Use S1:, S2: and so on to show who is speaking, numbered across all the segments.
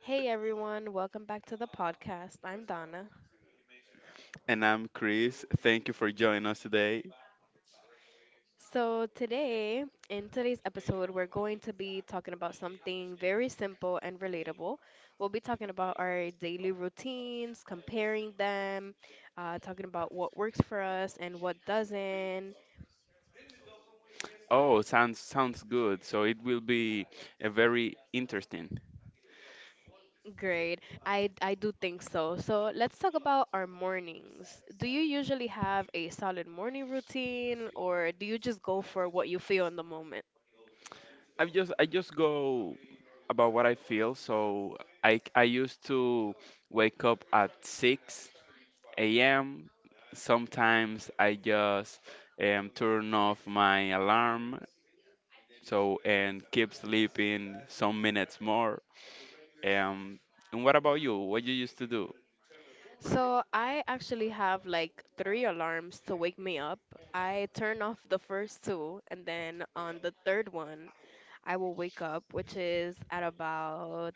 S1: Hey everyone, welcome back to the podcast. I'm Donna.
S2: And I'm Chris. Thank you for joining us today.
S1: So, today, in today's episode, we're going to be talking about something very simple and relatable. We'll be talking about our daily routines, comparing them, talking about what works for us and what doesn't.
S2: Oh, sounds good. So it will be a very interesting.
S1: Great. I do think so. So, let's talk about our mornings. Do you usually have a solid morning routine or do you just go for what you feel in the moment?
S2: I just go about what I feel. So I used to wake up at 6 a.m. Sometimes I just turn off my alarm so and keep sleeping some minutes more. Um, and what about you? What you used to do?
S1: So I actually have like three alarms to wake me up. I turn off the first two, and then on the third one, I will wake up, which is at about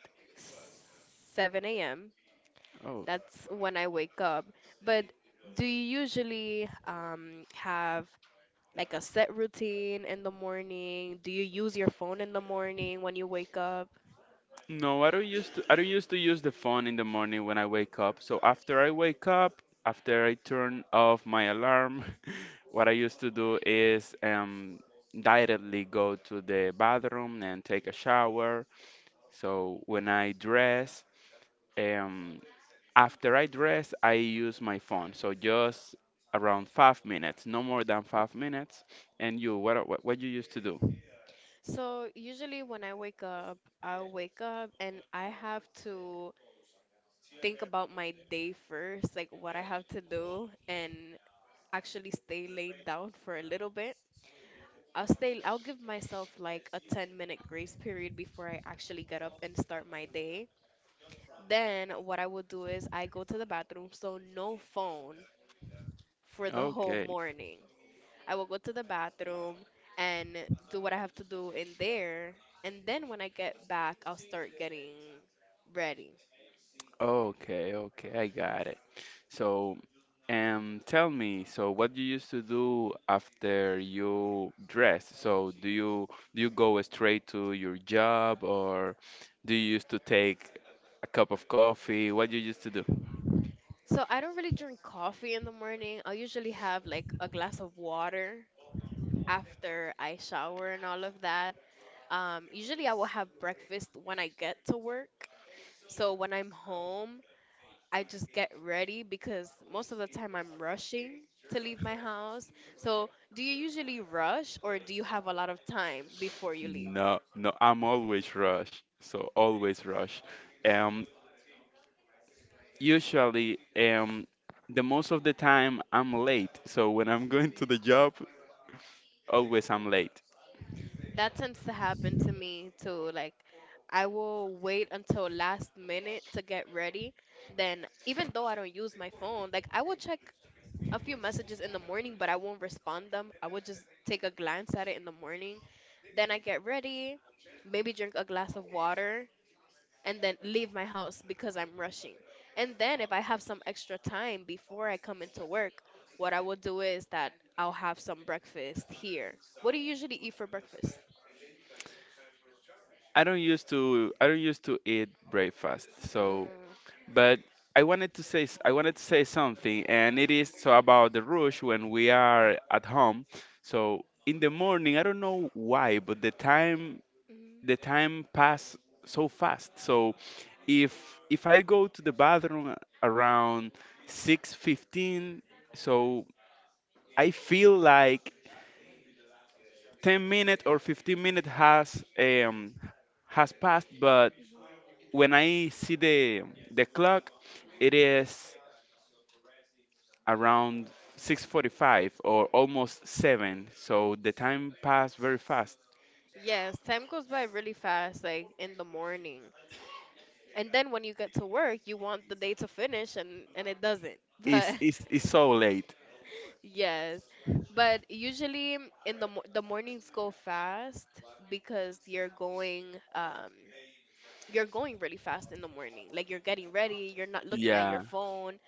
S1: 7 a.m.
S2: Oh.
S1: That's when I wake up. But do you usually have like a set routine in the morning? Do you use your phone in the morning when you wake up?
S2: No, I don't used to, I don't used to use the phone in the morning when I wake up. So after I wake up, after I turn off my alarm, what I used to do is directly go to the bathroom and take a shower. So when I dress, um after I dress, I use my phone. So just around 5 minutes, no more than 5 minutes. And you, what you used to do?
S1: So usually when I wake up, I'll wake up and I have to think about my day first, like what I have to do, and actually stay laid down for a little bit. I'll give myself like a 10-minute grace period before I actually get up and start my day. Then what I will do is I go to the bathroom, so no phone for the whole
S2: Okay,
S1: morning. I will go to the bathroom and do what I have to do in there. And then when I get back, I'll start getting ready.
S2: okay, I got. So, tell me, so what do you used to do after you dress? So, do you go straight to your job or do you used to take a cup of coffee? What do you used to do?
S1: So I don't really drink coffee in the morning. I usually have like a glass of water after I shower and all of that. Usually I will have breakfast when I get to work. So when I'm home, I just get ready because most of the time I'm rushing to leave my house. So do you usually rush or do you have a lot of time before you leave?
S2: No, no, I'm always rush. So always rush. Um, usually, the most of the time I'm late. So when I'm going to the job, always I'm late.
S1: That tends to happen to me too. Like, I will wait until last minute to get ready. Then, even though I don't use my phone, like I will check a few messages in the morning, but I won't respond them. I will just take a glance at it in the morning. Then I get ready, maybe drink a glass of water, and then leave my house because I'm rushing. And then, if I have some extra time before I come into work, what I will do is that I'll have some breakfast here. What do you usually eat for breakfast?
S2: I don't used to eat breakfast. So
S1: Mm.
S2: but I wanted to say something, and it is so about the rush when we are at home. So in the morning, I don't know why, but the time
S1: Mhm,
S2: the time pass so fast. So if if I go to the bathroom around 6:15, so I feel like 10 minutes or 15 minutes has passed, but
S1: mhm,
S2: when I see the clock, it
S1: mhm,
S2: is around 6:45
S1: mhm,
S2: or
S1: mhm,
S2: almost 7, so
S1: mhm.
S2: the time passed very fast.
S1: Yes, time goes by really fast, like in the morning. And then when you get to work, you want the day to finish and it doesn't.
S2: It's,
S1: But
S2: it's, it's so late.
S1: yes. But usually in the mo the mornings go fast because um you're going really fast in the morning. Like you're getting ready, you're not looking at your
S2: Yeah.
S1: phone,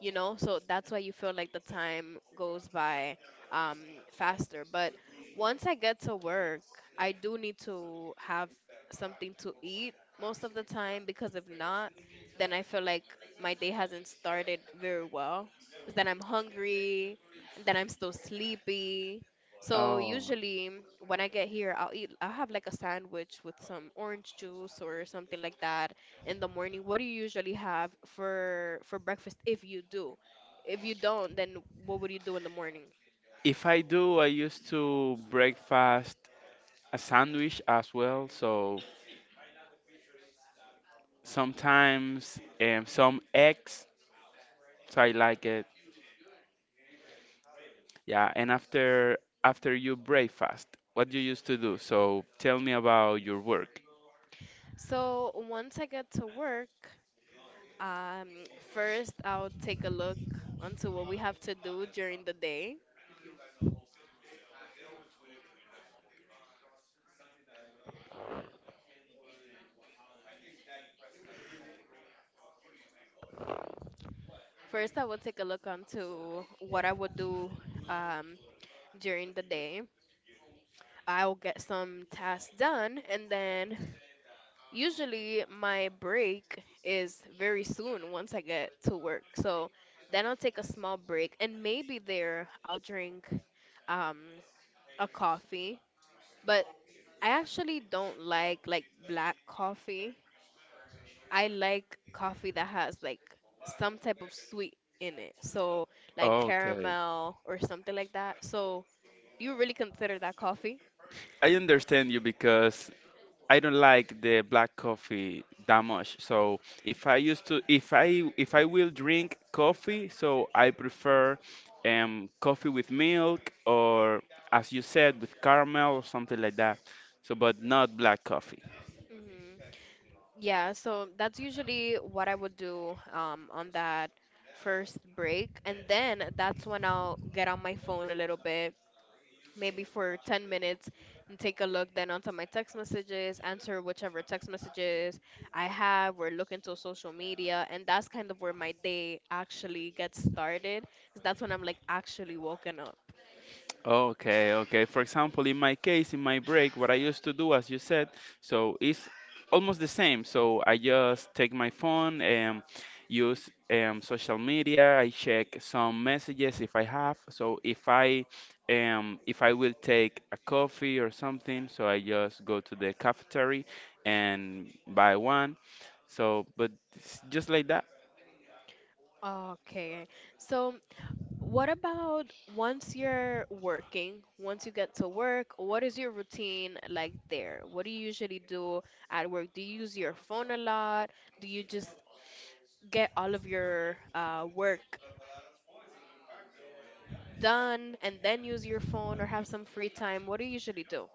S1: you know, so that's why you feel like the time goes by um faster. But once I get to work, I do need to have something to eat most of the time, because if not, then I feel like my day hasn't started very well, because then I'm hungry and then I'm still sleepy. So
S2: Oh.
S1: usually when I get here, I'll have like a sandwich with some orange juice or something like that. In the morning, what do you usually have for breakfast if you do? If you don't, then what would you do in the morning?
S2: If I do, I used to breakfast a sandwich as well. So sometimes some eggs. So I like it. Yeah. And after you breakfast, what you used to do? So tell me about your work.
S1: So once I get to work, um, first I'll take a look onto what we have to do during the day. First, I will take a look onto what I would do um, during the day. I'll get some tasks done, and then usually, my break is very soon once I get to work. So then I'll take a small break, and maybe there I'll drink um, a coffee. But I actually don't like black coffee. I like coffee that has like some type of sweet in it. So like
S2: Okay.
S1: caramel or something like that. So you really consider that coffee?
S2: I understand you because I don't like the black coffee that much. So if I will drink coffee, so I prefer coffee with milk or as you said with caramel or something like that. So but not black coffee.
S1: Mhm. Yeah, so that's usually what I would do on that first break. And then that's when I'll get on my phone a little bit, maybe for 10 minutes, and take a look then onto my text messages, answer whichever text messages I have, or look into social media. And that's kind of where my day actually gets started, 'cause that's when I'm like actually woken up.
S2: Okay. For example,
S1: Mhm.
S2: in my case, in my break, what I used to do, as you said, so it's almost the same. So I just take my phone and use social media. I check some messages if I have. So if I will take a coffee or something, so I just
S1: Mhm.
S2: go to the cafeteria and buy one. So, but it's just like that.
S1: Okay, so what about once you're working, once you get to work, what is your routine like there? What do you usually do at work? Do you use your phone a lot? Do you just get all of your work done and then use your phone or have some free time? What do you usually do?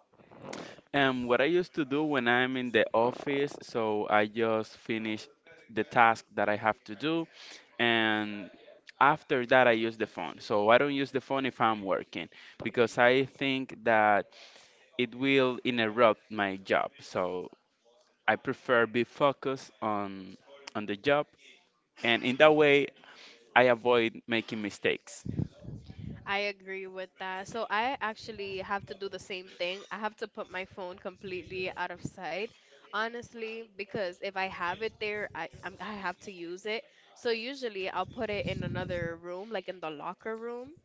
S2: What I used to do when I'm in the office, so I just finish the task that I have to do, and after that, I use the phone. So I don't use the phone if I'm working because I think that it will interrupt my job. So I prefer be focused on the job, and in that way, I avoid making mistakes.
S1: I agree with that. So I actually have to do the same thing. I have to put my phone completely out of sight, honestly, because if I have it there, I have to use it. So usually I'll put it in another room, like in the locker room.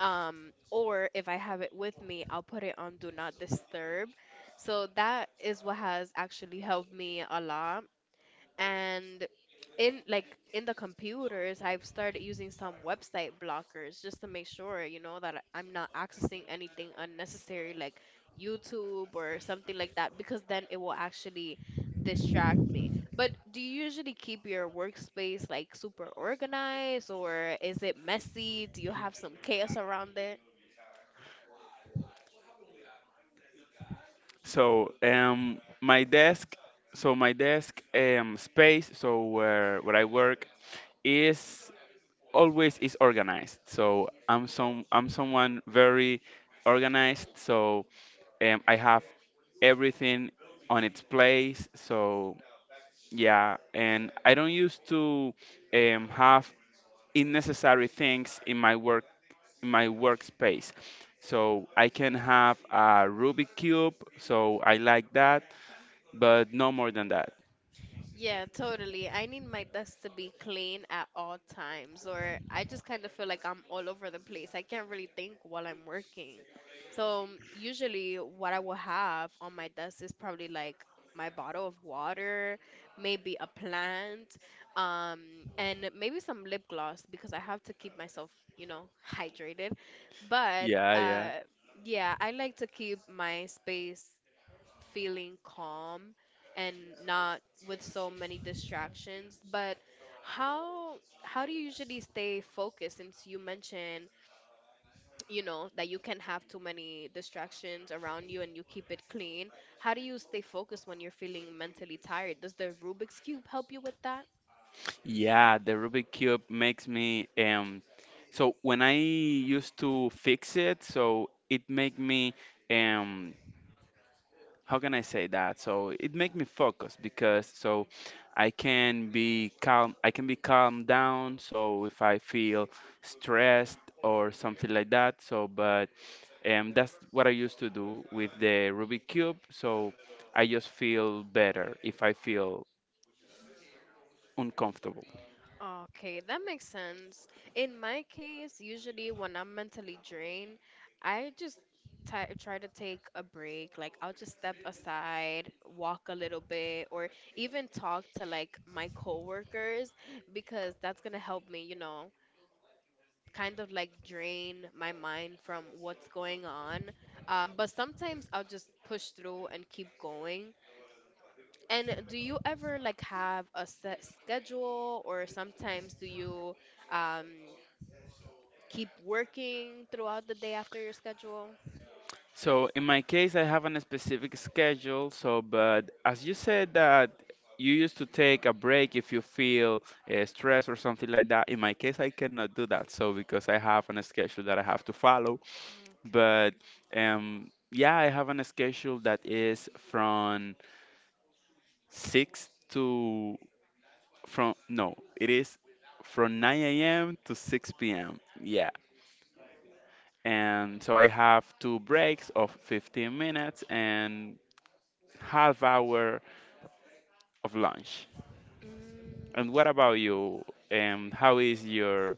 S1: Or if I have it with me, I'll put it on do not disturb. So that is what has actually helped me a lot. And in the computers, I've started using some website blockers just to make sure, you know, that I- am not accessing anything unnecessary like YouTube or something like that, because then it will actually distract me. But do you usually keep your workspace like super organized or is it messy? Do you have some chaos around it?
S2: So my desk space, so where I work is always is organized. So I'm someone very organized. So I have everything on its place. So yeah, and I don't used to have unnecessary things in my workspace. So I can have a Rubik cube. So I like that but no more than that.
S1: Yeah, totally. I need my desk to be clean at all times, or I just kind of feel like I'm all over the place. I can't really think while I'm working. So, usually, what I will have on my desk is probably like my bottle of water, maybe a plant, and maybe some lip gloss because I have to keep myself, you know, hydrated. But
S2: Yeah, yeah.
S1: yeah, I like to keep my space feeling calm and not with so many distractions. But how how do you usually stay focused, since you mentioned, you know, that you can have too many distractions around you and you keep it clean? How do you stay focused when you're feeling mentally tired? Does the Rubik's Cube help you with that?
S2: Yeah, the Rubik cube makes me so when I used to fix it, so it make me um how can I say that? So it make me focus because so I can be calm down so if I feel stressed or something like that. So but that's what I used to do with the Rubik cube. So I just feel better if I feel uncomfortable.
S1: Okay, that makes sense. In my case, usually when I'm mentally drained, I just ti try to take a break. Like, I'll just step aside, walk a little bit, or even talk to like my coworkers, because that's gonna help me, you know, kind of like drain my mind from what's going on. But sometimes I'll just push through and keep going. And do you ever like have a set schedule, or sometimes do you um, keep working throughout the day after your schedule?
S2: So in my case, I have a specific schedule. So, but as you said that you used to take a break if you feel stress or something like that. In my case, I cannot do that. So because I have a schedule that I have to follow. But yeah, I have a schedule that is from six to from no, it is from 9 a.m. to 6 p.m. Yeah. And so I have two breaks of 15 minutes, and half hour of lunch. And what
S1: Okay.
S2: about you? How is your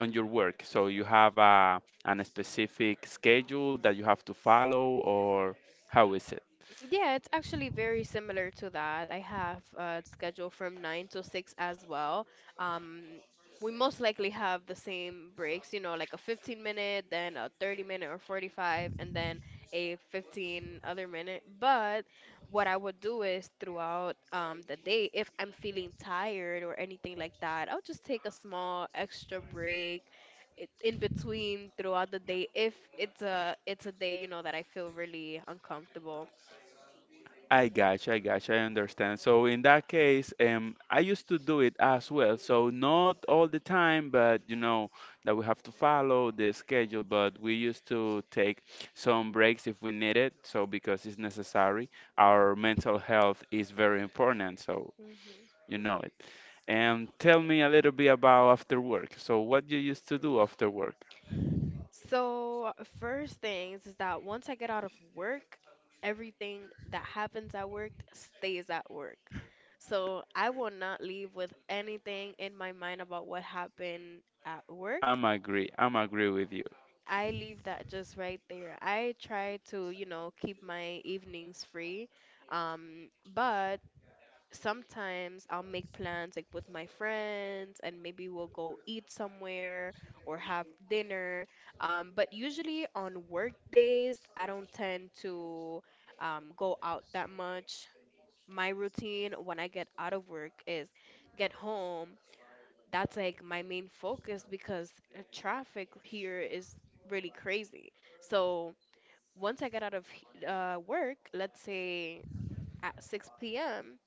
S2: on your work? So you have a an specific schedule that you have to follow, or how is it?
S1: Yeah, it's actually very similar to that. I have a schedule from 9 to 6 as well. Um, we most likely have the same breaks, you know, like a 15 minute, then a 30 minute or 45, and then a 15 other minute. But what I would do is throughout the day, if I'm feeling tired or anything like that, I'll just take a small extra break in between throughout the day if it's a day, you know, that I feel really uncomfortable.
S2: I gotcha, I understand. So in that case, I used to do it as well. So not all the time, but you know that we have to follow the schedule. But we used to take some breaks if we need it. So because it's necessary, our mental health is very important. So
S1: Mhm.
S2: you know it. And tell me a little bit about after work. So what you used to do after work?
S1: So, first things is that once I get out of work, everything that happens at work stays at work. So, I will not leave with anything in my mind about what happened at work.
S2: I'm agree with you.
S1: I leave that just right there. I try to, you know, keep my evenings free. But sometimes I'll make plans like with my friends and maybe we'll go eat somewhere or have dinner. But usually on work days, I don't tend to go out that much. My routine when I get out of work is get home. That's like my main focus because traffic here is really crazy. So once I get out of work, let's say at 6 p.m,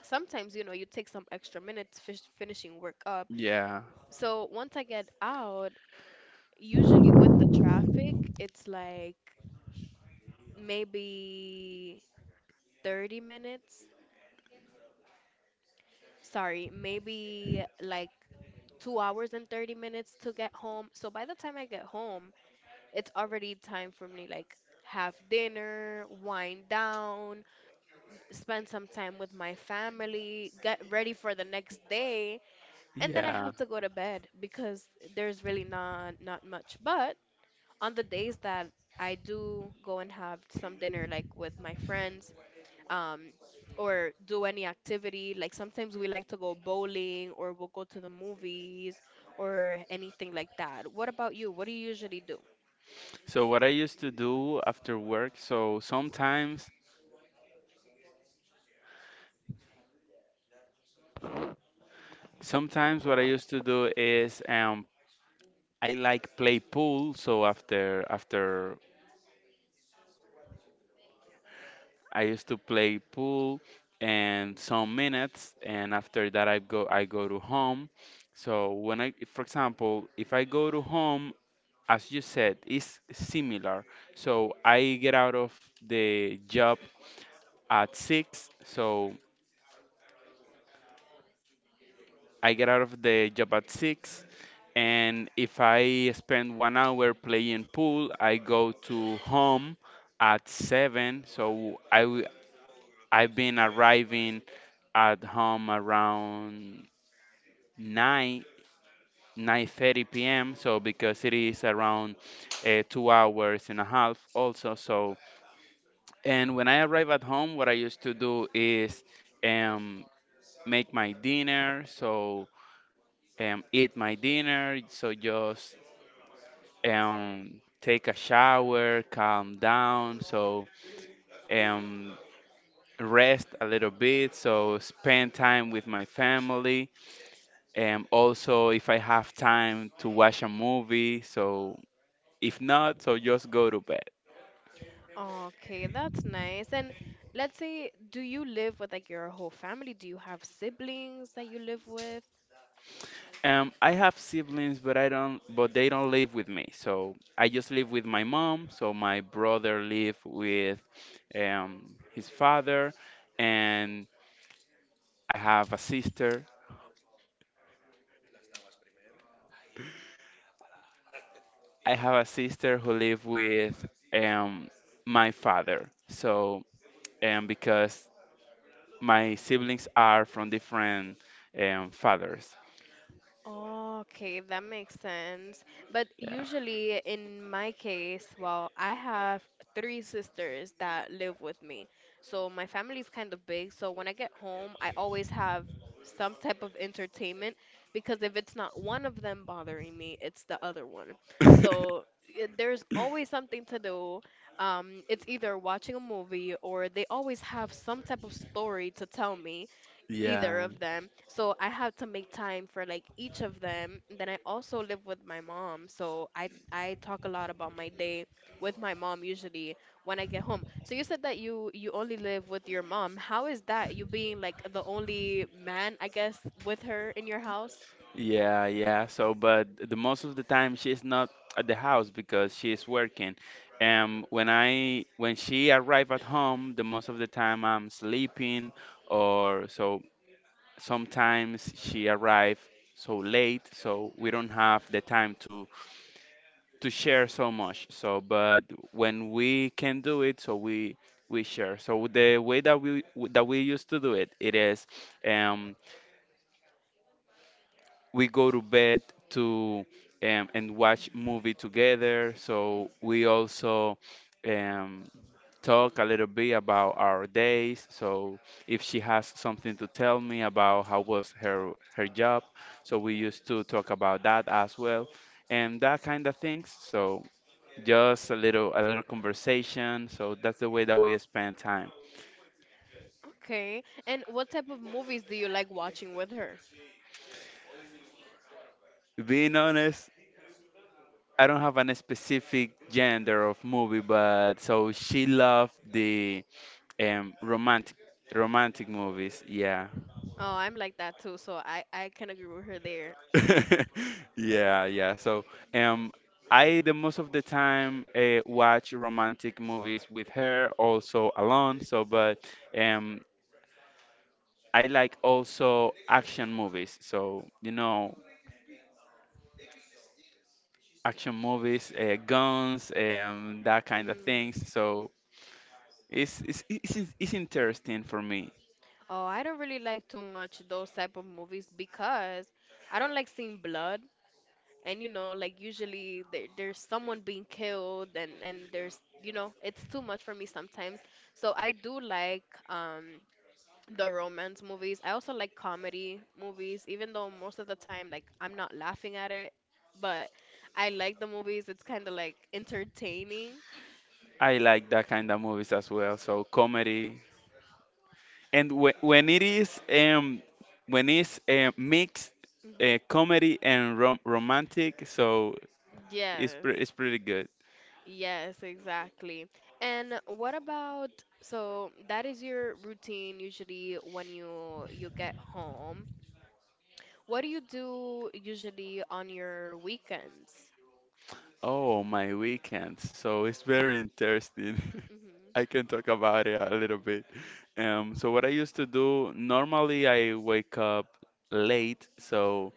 S1: sometimes, you know, you take some extra minutes fish finishing work up.
S2: Yeah.
S1: So once I get out, usually with the traffic it's like maybe 30 minutes, sorry, maybe like 2 hours and 30 minutes to get home. So by the time I get home, it's already time for me, like, have dinner, wind down, spend some time with my family, get ready for the next day, and then I
S2: Yeah.
S1: have to go to bed because there's really not much. But on the days that I do go and have some dinner, like with my friends, um, or do any activity, like sometimes we like to go bowling or we'll go to the movies or anything like that. What about you? What do you usually do?
S2: So what I used to do after work, so sometimes what I used to do is I like play pool, so after I used to play pool and some minutes and after that I go to home. So when I for example, if I go to home as you said, is similar. So I get out of the job at 6. So I get out of the job at 6. And if I spend 1 hour playing pool, I go to home at 7. I've been arriving at home around 9. 9:30 p.m. So because it is around 2 hours and a half also so. And when I arrive at home, what I used to do is um, make my dinner, so eat my dinner, so just take a shower, calm down, so um, rest a little bit, so spend time with my family. And also, if I have time to watch a movie, so if not, so just go to bed.
S1: Okay, that's nice. And let's say, do you live with like your whole family? Do you have siblings that you live with?
S2: I have siblings, but I don't, but they don't live with me. So I just live with my mom. So my brother live with his father, and I have a sister. I have a sister who live with um, my father. So because my siblings are from different fathers.
S1: Okay, that makes sense. But
S2: Yeah.
S1: usually, in my case, well, I have three sisters that live with me. So my family is kind of big. So when I get home, I always have some type of entertainment because if it's not one of them bothering me, it's the other one. There's always something to do. It's either watching a movie, or they always have some type of story to tell me, either
S2: Yeah.
S1: of them. So I have to make time for like each of them. And then I also live with my mom, so I talk a lot about my day with my mom usually when I get home. So you said that you only live with your mom. How is that? You being like the only man, I guess, with her in your house?
S2: Yeah, yeah. So, but the most of the time she's not at the house because she's working. When I when she arrive at home, the most of the time I'm sleeping, or so sometimes she arrive so late, so we don't have the time to share so much. So, but when we can do it, so we share. So the way that we used to do it, it is, um, we go to bed to and watch movie together. So we also um, talk a little bit about our days. So if she has something to tell me about how was her job, so we used to talk about that as well, and that kind of things. So just a little conversation. So that's the way that we spend time.
S1: Okay. And what type of movies do you like watching with her?
S2: Being honest, I don't have any specific gender of movie, but so she loved the um romantic romantic movies. Yeah.
S1: Oh, I'm like that too, so I can agree with her there.
S2: Yeah, yeah. So um I the most of the time watch romantic movies with her also alone so but um I like also action movies so you know action movies guns and that kind of
S1: Mm.
S2: things so it's interesting for me.
S1: Oh, I don't really like too much those type of movies because I don't like seeing blood. And you know, like usually there's someone being killed and there's, it's too much for me sometimes. So I do like the romance movies. I also like comedy movies, even though most of the time like I'm not laughing at it, but I like the movies. It's kind of like entertaining.
S2: I like that kind of movies as well so comedy and when it is when it's mixed
S1: Hmm.
S2: comedy and romantic so
S1: Yes.
S2: it's pretty good.
S1: Yes, exactly. And what about, so that is your routine usually when you get home. What do you do usually on your weekends?
S2: Oh my weekends so it's very interesting.
S1: Mhm.
S2: I can talk about it a little bit. So what I used to do normally I wake up late so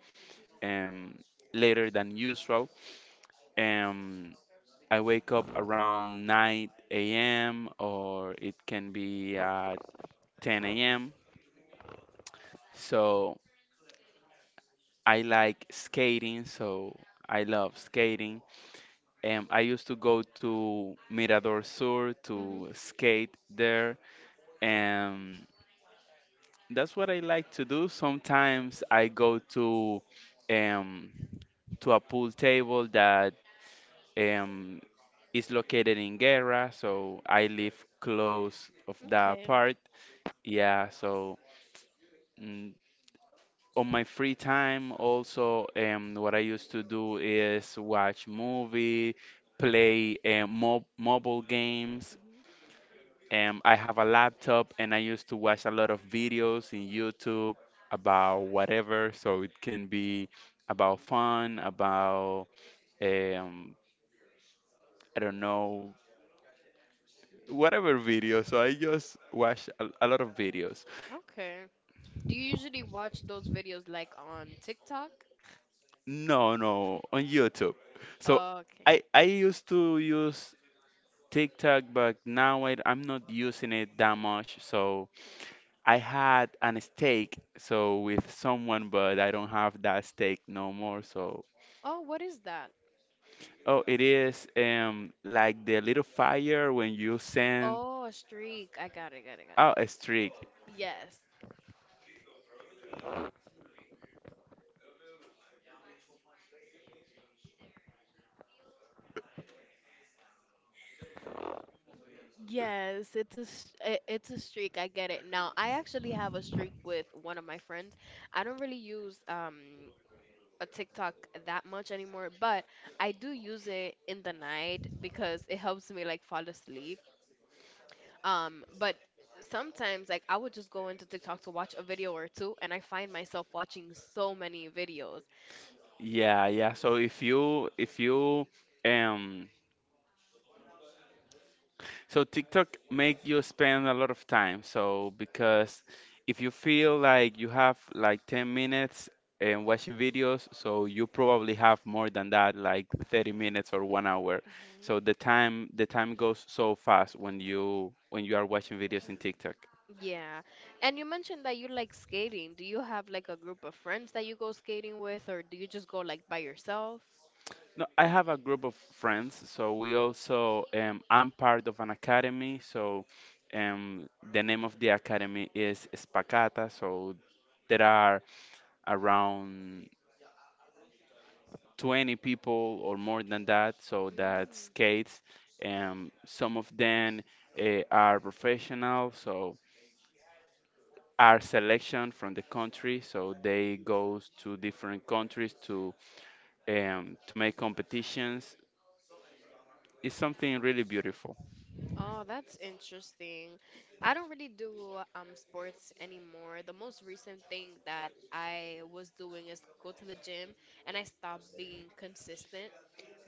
S2: um later than usual. um I wake up around 9 a.m. or it can be at 10 a.m. So I like skating, so I love skating. And I used to go to Mirador Sur
S1: Mhm.
S2: to skate there, and that's what I like to do. Sometimes I go um, to a pool table that um, is located in Guerra, so I live close of that
S1: Okay.
S2: part. Yeah, so. mm, on my free time also, what I used to do is watch movie play mobile games.
S1: Mhm.
S2: I have a laptop and I used to watch a lot of videos in YouTube about whatever, so it can be about fun, about, um, I don't know, whatever video. So I just watch a lot of videos.
S1: Okay. Do you usually watch those videos like on TikTok?
S2: No, no, on YouTube. So
S1: Okay.
S2: I used to use TikTok, but now I'm not using it that much. So I had an steak, so with someone, but I don't have that steak no more. So,
S1: Oh, what is that?
S2: oh, it is, um, like the little fire when you send.
S1: Oh, a streak. I got it, got it, got it.
S2: Oh, a streak.
S1: Yes, yes, it's a streak. I get it. Now, I actually have a streak with one of my friends. I don't really use a TikTok that much anymore, but I do use it in the night because it helps me like fall asleep. But sometimes like I would just go into TikTok to watch a video or two, and I find myself watching so many videos.
S2: Yeah, yeah. So if you um so TikTok make you spend a lot of time. So because if you feel like you have like 10 minutes and watching videos, so you probably have more than that, like 30 minutes or 1 hour. So
S1: Mhm.
S2: the time goes so fast when you are watching videos in TikTok.
S1: Yeah. And you mentioned that you like skating. Do you have like a group of friends that you go skating with, or do you just go like by yourself?
S2: No, I have a group of friends, so we also, I'm part of an academy. So, um, the name of the academy is Spacata. So there are around 20 people or more than that. So that
S1: Mm.
S2: skates, and some of them are professional. So are selection from the country, so they goes to different countries to, to make competitions. It's something really beautiful.
S1: Oh, that's interesting. I don't really do sports anymore. The most recent thing that I was doing is go to the gym, and I stopped being consistent.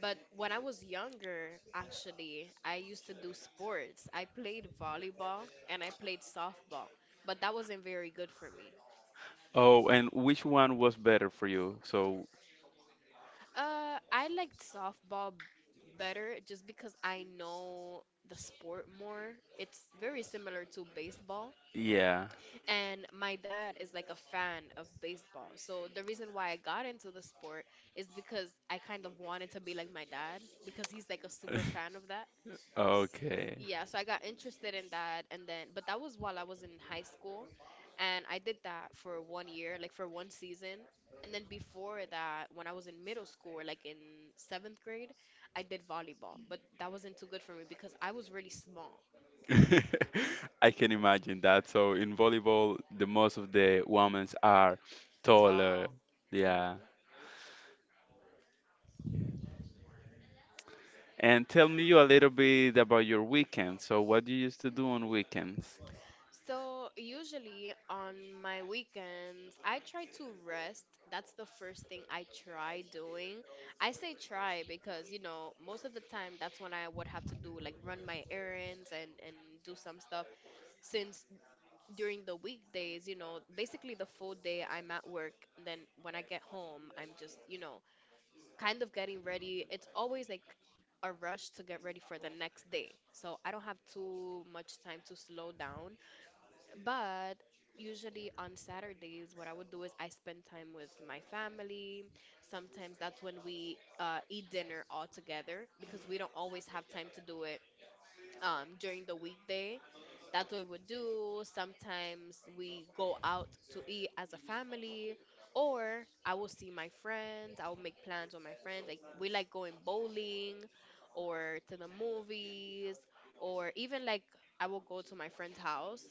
S1: But when I was younger, actually, I used to do sports. I played volleyball and I played softball, but that wasn't very good for me.
S2: Oh, and which one was better for you? So
S1: I liked better just because I know the sport more. It's very similar to baseball.
S2: yeah.
S1: And my dad is like a fan of baseball. So the reason why I got into the sport is because I kind of wanted to be like my dad, because he's like a super fan of that. S-
S2: Okay.
S1: Yeah, so I got interested in that, and then but that was while I was in high school, and I did that for 1 year, like for one season. And then before that, when I was in middle school, or like in seventh grade, I did volleyball, but that wasn't too good for me because I was really small,
S2: I can imagine that. So in volleyball, the most of the women are taller.
S1: tall.
S2: Yeah.
S1: Mm-hmm.
S2: And tell me you a little bit about your weekend. So what do you used to do on weekends?
S1: So, usually on my weekends, I try to rest. That's the first thing I try doing. I say try because, you know, most of the time that's when I would have to do like run my errands and do some stuff, since during the weekdays, you know, basically the full day I'm at work. Then when I get home, I'm just, you know, kind of getting ready. It's always like a rush to get ready for the next day. So, I don't have too much time to slow down, but usually on Saturdays, what I would do is I spend time with my family. Sometimes that's when we eat dinner all together, because we don't always have time to do it during the weekday. That's what we would do. Sometimes we go out to eat as a family, or I will see my friends. I will make plans with my friends. Like we like going bowling, or to the movies, or even like I will go to my friend's house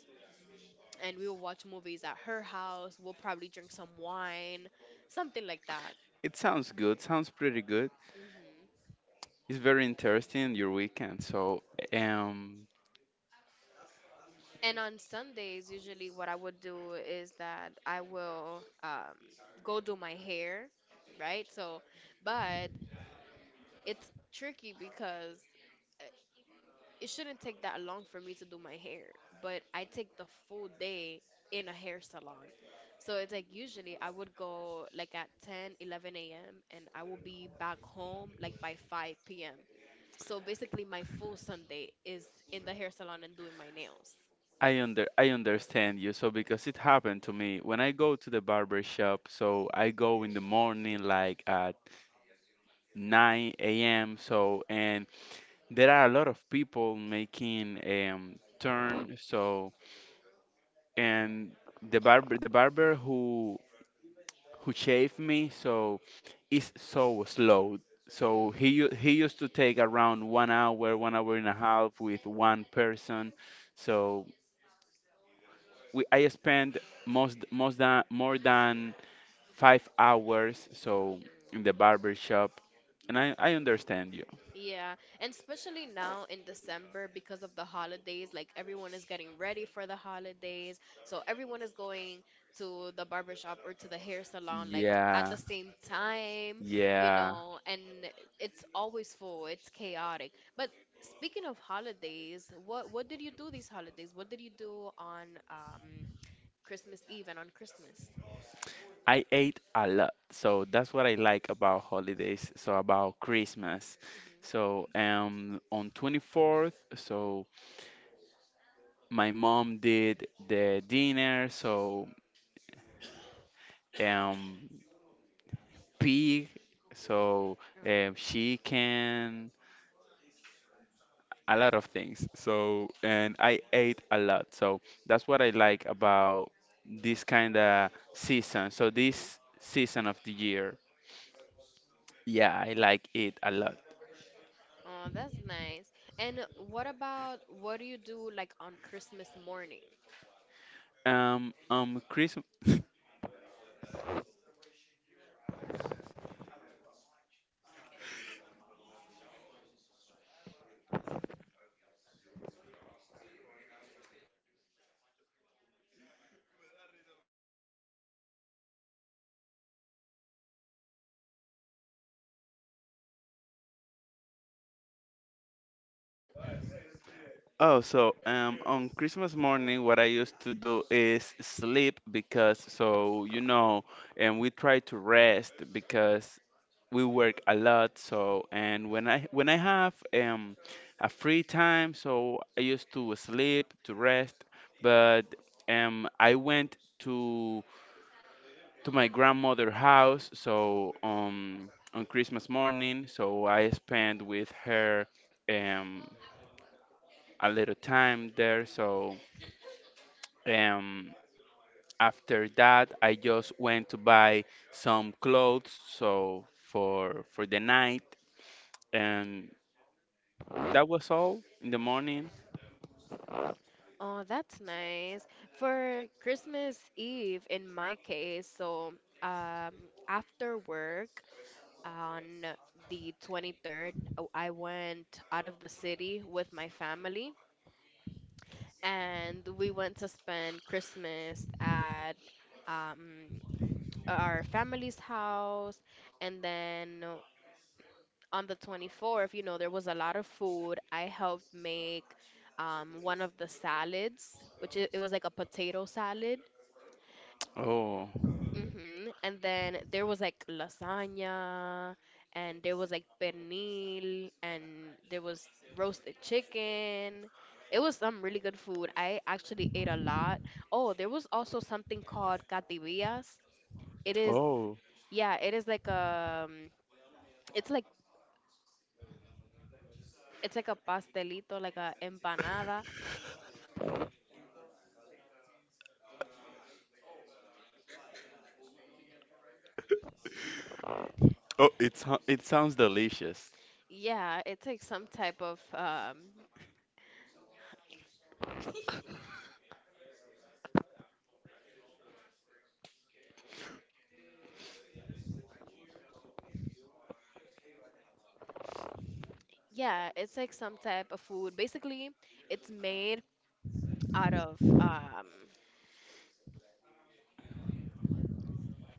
S1: and we will watch movies at her house. We'll probably drink some wine, something like that.
S2: It sounds good. Sounds pretty good.
S1: Hmm.
S2: It's very interesting your weekend. So, um,
S1: And on Sundays, usually what I would do is that I will go do my hair, right? So, but it's tricky because, uh, it shouldn't take that long for me to do my hair, but I take the full day in a hair salon. So it's like usually I would go like at 10, 11 a.m. and I will be back home like by 5 p.m. So basically, my full Sunday is in the hair salon and doing my nails.
S2: I understand you. So because it happened to me when I go to the barber shop, so I
S1: Mhm,
S2: go in the morning like at 9 a.m. So, and there are a lot of people making turn. So, and the barber who shaved me, so
S1: mhm,
S2: is so slow. So he
S1: mm,
S2: u- he used to take around 1 hour, 1 hour and a half with one person. So we, I spend most most than more than 5 hours so in the
S1: mm.
S2: barber shop, and I understand you.
S1: Yeah, and especially now in December because of the holidays, like everyone is getting ready for the holidays. So everyone is going to the barber shop or to the hair salon like at
S2: Yeah,
S1: the same time, you
S2: yeah.
S1: know, and it's always full, it's chaotic. But speaking of holidays, what did you do these holidays? What did you do on Christmas Eve and on Christmas?
S2: I ate a lot, so that's what I like about holidays. So about Christmas,
S1: Hmm.
S2: so on 24th, so my mom did the dinner, so, um, pig, so, um,
S1: Oh,
S2: chicken, a lot of things. So, and I ate a lot. So that's what I like about this kind of season. So
S1: hmm.
S2: this season of the year, yeah, I like it a lot.
S1: Oh, that's nice. And what about what do you do like on Christmas morning?
S2: Chris. Oh, so, on Christmas morning, what I used to do is sleep because, so you know, and we try to rest because we work a lot. So, and when I have a free time, so I used to sleep to rest. But, I went to my grandmother' house. So on Christmas morning, so
S1: Mm.
S2: I spent with her um a little time there. So. Um, after that, I just went to buy some clothes, so for the night, and that was all in the morning.
S1: Oh, that's nice. For Christmas Eve, in my case, so um, after work on the 23rd, oh, I went out of the city with my family and we went to spend Christmas at um, our family's house. And then on the 24th, you know, there was a lot of food. I helped make one of the salads, which it was like a potato salad.
S2: Oh,
S1: Hmm. And then there was like lasagna, and there was like pernil, and there was roasted chicken. It was some really good food. I actually ate a lot. Oh, there was also something called cativillas. It is,
S2: oh,
S1: yeah, it is like a it's like it's like a pastelito, like a empanada.
S2: oh, It sounds delicious.
S1: Yeah, it's like some type of yeah, it's like some type of food. Basically, it's made out of um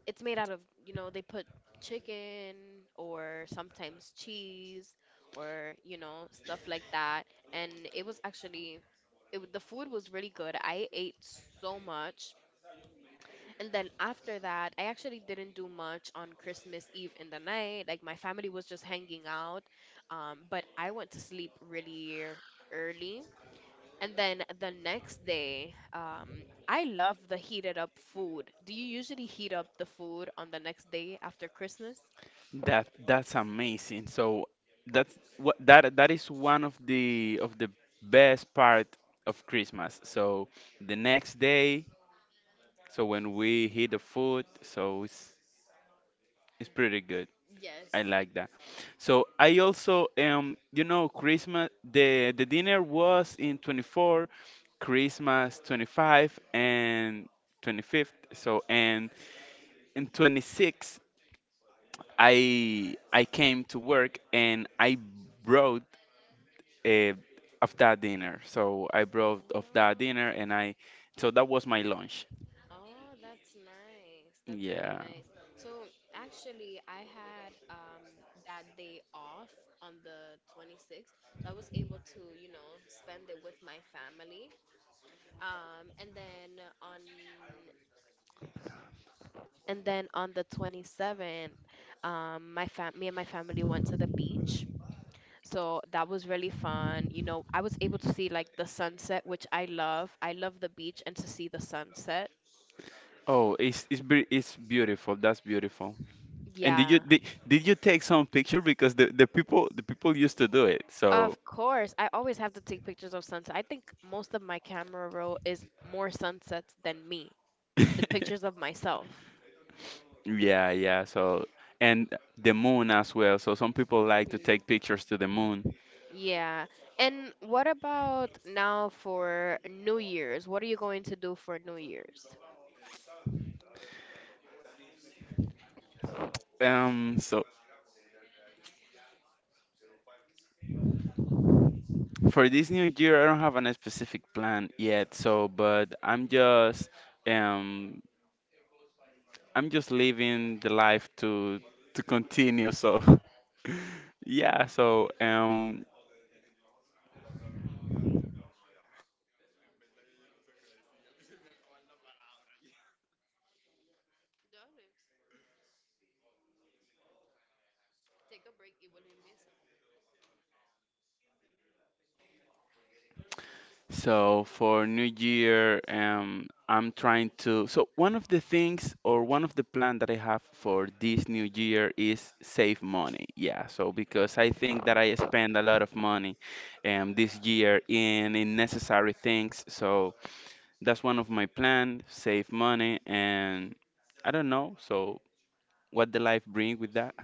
S1: it's made out of, you know, they put chicken or sometimes cheese or, you know, stuff like that. And it was actually the food was really good. I ate so much. And then after that, I actually didn't do much on Christmas Eve in the night. Like my family was just hanging out. But I went to sleep really early. And then the next day, I love the heated up food. Do you usually heat up the food on the next day after Christmas?
S2: That that's amazing. So that's what that that is one of the best part of Christmas. So the next day, so when we hit the food, so it's pretty good. I
S1: Yes.
S2: like that. So I also you know Christmas the dinner was in 24, Christmas 25 and 25th. So, and in 26, I came to work and I brought, uh, of that dinner. So I
S1: Oh.
S2: brought of that dinner and I, so that was my lunch.
S1: Oh, that's nice. That's really
S2: Yeah.
S1: nice. So actually, I had that day off on the 26th. So I was able to, you know, spend it with my family. Um, and then on and then on the 27th, my fam me and my family went to the beach. So that was really fun. You know, I was able to see like the sunset, which I love. I love the beach and to see the sunset.
S2: Oh, it's beautiful. That's beautiful. And did you
S1: Yeah.
S2: did, did you take some picture, because the people used to do it. So,
S1: Of course, I always have to take pictures of sunset. I think most of my camera roll is more sunsets than me, than pictures of myself.
S2: yeah, yeah. So and the moon as well. So some people like to
S1: Hmm.
S2: take pictures to the moon.
S1: Yeah. And what about now for New Year's? What are you going to do for New Year's?
S2: So for this new year, I don't have a specific plan yet. So, but um I'm just living the life to continue. So, yeah. So so for New Year, I'm trying to. So one of the things or one of the plan that I have for this New Year is save money. Yeah. So because I think that I spend a lot of money, this year in necessary things. So that's one of my plan, save money, and I don't know. So what the life bring with that?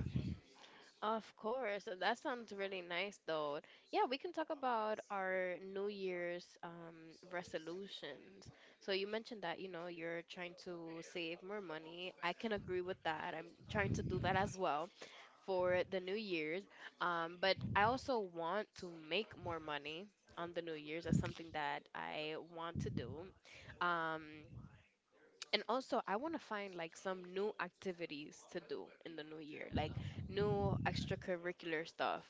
S1: Of course, that sounds really nice though. Yeah, we can talk about our New Year's resolutions. So you mentioned that, you know, you're trying to save more money. I can agree with that. I'm trying to do that as well for the New Year's. But I also want to make more money on the New Year's. That's something that I want to do. Um, and also, I want to find like some new activities to do in the new year, like new extracurricular stuff.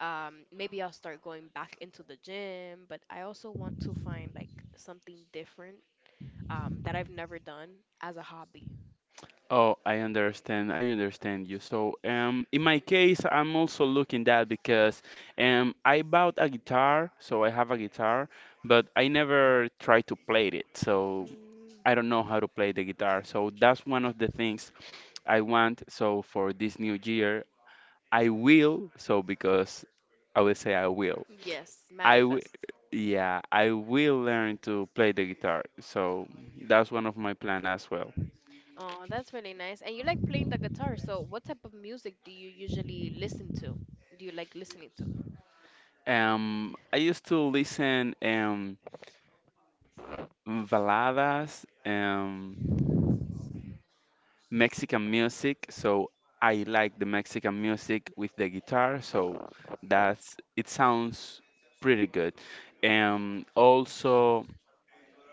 S1: Maybe I'll start going back into the gym, but I also want to find like something different that I've never done as a hobby.
S2: Oh, I understand. I understand you. So, in my case, I'm also looking that because, I bought a guitar, so I have a guitar, but I never tried to play it. So
S1: Mm,
S2: I don't know how to play the guitar. So that's one of the things I want. So for this new year, I will. So because I will say I will.
S1: yes,
S2: I w-
S1: manifest.
S2: yeah, I will learn to play the guitar. So that's one of my plan as well.
S1: Oh, that's really nice. And you like playing the guitar, so what type of music do you usually listen to? Do you like listening to?
S2: I used to listen baladas, Mexican music, so I like the Mexican music with the guitar, so that's it sounds pretty good. Also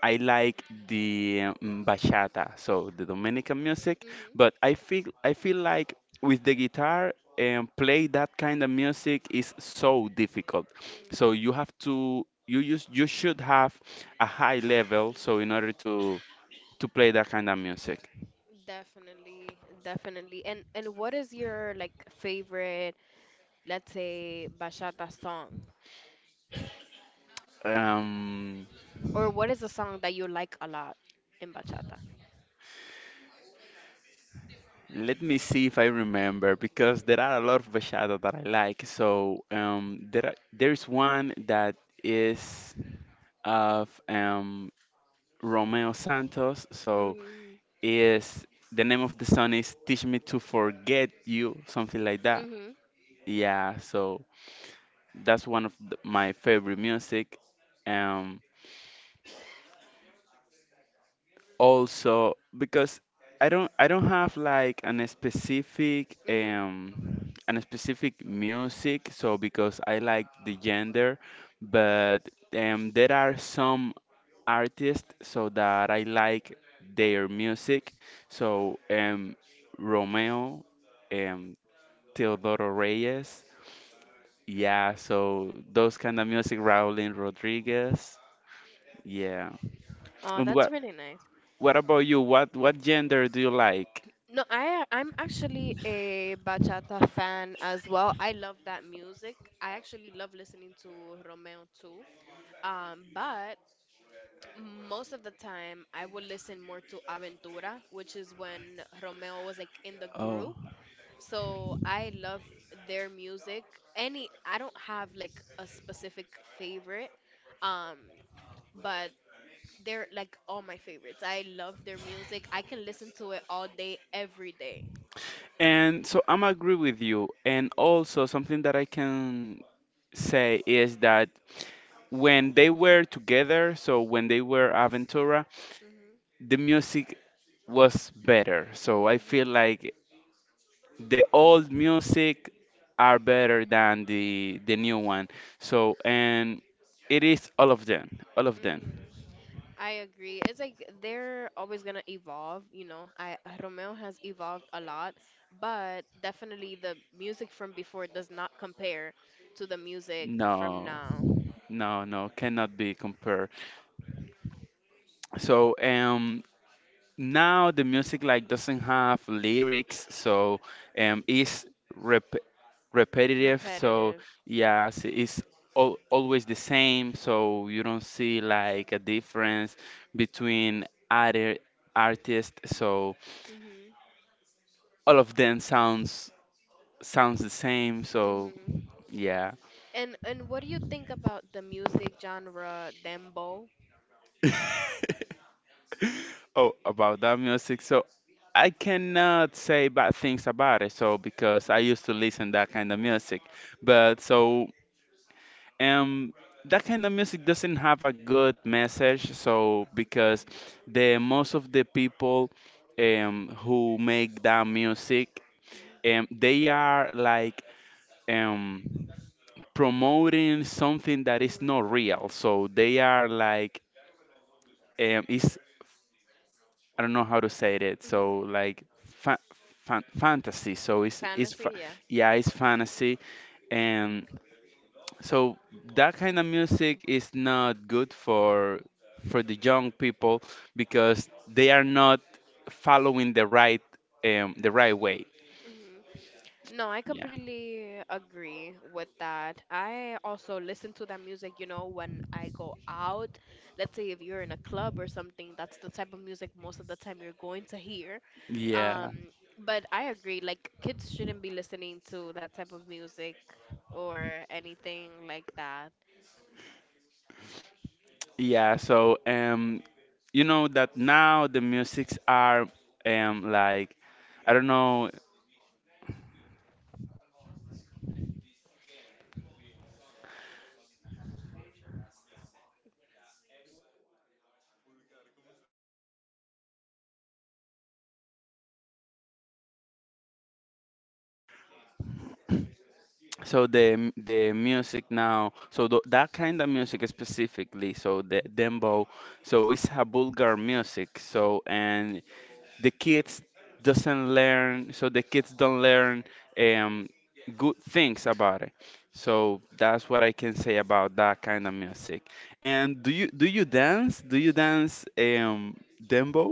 S2: I like the, bachata, so the Dominican music, but
S1: Mm-hmm.
S2: I feel like with the guitar and play that kind of music is so difficult. So
S1: Mm.
S2: you have to you should have a high level, so in order to play that kind of music.
S1: Definitely, definitely. And what is your like favorite, let's say, bachata song?
S2: Um,
S1: Or what is a song that you like a lot in bachata?
S2: let me see if I remember, because there are a lot of bachata that I like. So, there is one that is of, Romeo Santos. So
S1: Mm,
S2: is the name of the song is "Teach Me to Forget You," something like that.
S1: mhm,
S2: Yeah, so that's one of the, my favorite music. Um, also because I don't have like
S1: mhm.
S2: an specific music so because I like the gender, but there are some artists so that I like their music so Romeo um Teodoro Reyes, yeah, so those kind of music, Raulín Rodriguez, yeah.
S1: Oh,
S2: And
S1: that's
S2: what
S1: really nice.
S2: what about you? What gender do you like?
S1: No, I'm actually a bachata fan as well. I love that music. I actually love listening to Romeo too. But most of the time I would listen more to Aventura, which is when Romeo was like in the
S2: Oh,
S1: group. So I love their music. Any, I don't have like a specific favorite, um, but they're like all my favorites. I love their music. I can listen to it all day, every day.
S2: and so I'm agree with you. And also something that I can say is that when they were together, so when they were Aventura,
S1: Mhm.
S2: the music was better. So I feel
S1: Mhm.
S2: like the old music are better than the new one. So and it is all of them, all of them.
S1: Mhm. I agree. It's like they're always gonna evolve, you know. I Romeo has evolved a lot, but definitely the music from before does not compare to the music from
S2: No,
S1: now.
S2: no, no, cannot be compared. So, now the music like doesn't have lyrics, so it's rep- repetitive so
S1: Repetitive.
S2: yes it's always the same, so you don't see like a difference between other artists, so
S1: Mhm.
S2: all of them sounds the same so
S1: Mhm.
S2: yeah.
S1: And what do you think about the music genre dembo?
S2: Oh, about that music. So I cannot say bad things about it. So because I used to listen that kind of music, but so um that kind of music doesn't have a good message. So because
S1: Mhm,
S2: the most of the people who make that music
S1: mhm,
S2: they are like um promoting something that is
S1: mhm,
S2: not real. So they are like, it's I don't know how to say it.
S1: mhm.
S2: So like fa fan fantasy. So it's fa
S1: Fantasy, yeah.
S2: yeah, it's fantasy. And so that kind of music is not good for the young people because they are not following the right way.
S1: Hmm. No, I
S2: Yeah.
S1: completely agree with that. I also listen to that music, you know, when I go out. Let's say if you're in a club or something, that's the type of music most of the time you're going to hear.
S2: Yeah.
S1: Um, but I agree, like kids shouldn't be listening to that type of music or anything like that.
S2: Yeah, so you know that now the musics are like I don't know so the music now, so th that kind of music specifically, so the dembow, so it's a Bulgar music. So and the kids doesn't learn, so the kids don't learn um good things about it. So that's what I can say about that kind of music. And do you dance? Do you dance dembow?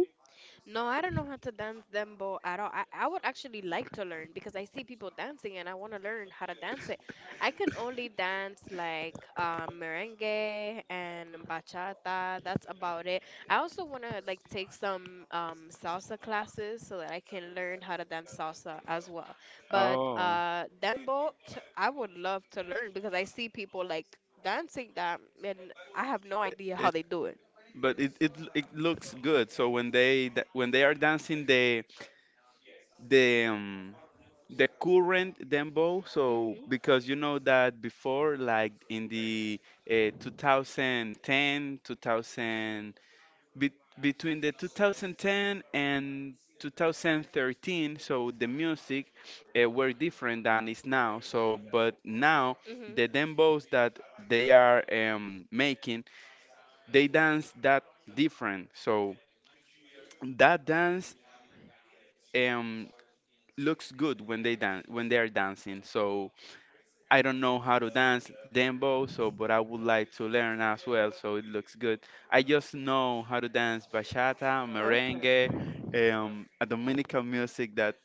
S1: No, I don't know how to dance dembo at all. I would actually like to learn because I see people dancing and I want to learn how to dance it. I can only dance like merengue and bachata. That's about it. I also want to like take some salsa classes so that I can learn how to dance salsa as well. But
S2: Oh,
S1: I would love to learn because I see people like dancing that and I have no idea how
S2: it,
S1: they do it.
S2: but it it looks good. So when when they are dancing, they the, the current dembow so
S1: Mhm.
S2: because you know that before like in the, 2010 2000 be- between the 2010 and 2013 so the music, were different than is now so but now
S1: Mhm.
S2: the dembos that they are, making, they dance that different so that dance um looks good when they dance when they're dancing. So I don't know how to dance dembow, so but I would like to learn as well, so it looks good. I just know how to dance bachata, merengue,
S1: Okay.
S2: a Dominican music that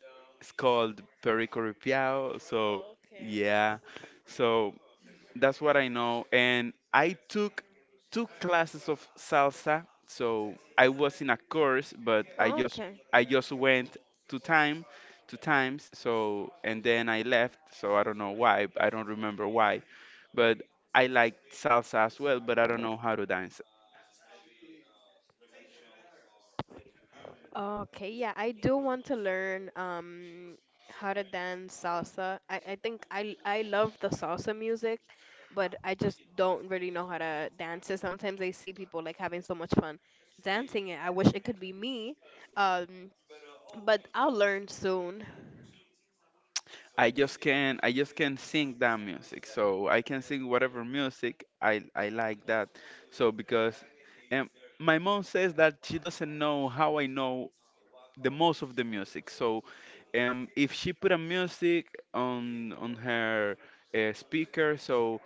S2: is called Perico Ripiao. So
S1: Okay.
S2: yeah, so. That's what I know. And I took two classes of salsa. So I was in a course, but
S1: Okay.
S2: I just went two time, two times. So and then I left. So I don't know why. I don't remember why. But I like salsa as well, but I don't know how to dance.
S1: Okay, yeah, I do want to learn how to dance salsa. I think I love the salsa music, but I just don't really know how to dance it. Sometimes I see people like having so much fun dancing it. I wish it could be me. Um, but I'll learn soon.
S2: I just can sing that music. So I can sing whatever music I like that. So because, um, my mom says that she doesn't know how I know the most of the music. So, if she put a music on her, speaker, so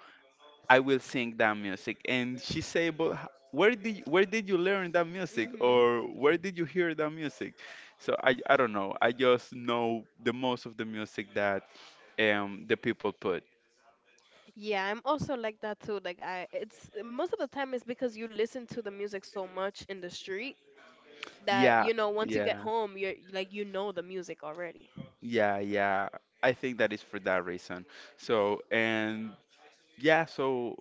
S2: I will sing that music. And she say, "But where did you learn that music,
S1: Mm-hmm.
S2: or where did you hear that music?" So I don't know. I just know the most of the music that the people put.
S1: Yeah, I'm also like that too. Like I it's most of the time it's because you listen to the music so much in the street that
S2: Yeah,
S1: you know once you get
S2: yeah,
S1: home you're like you know the music already
S2: yeah, yeah. I think that is for that reason. So and yeah, so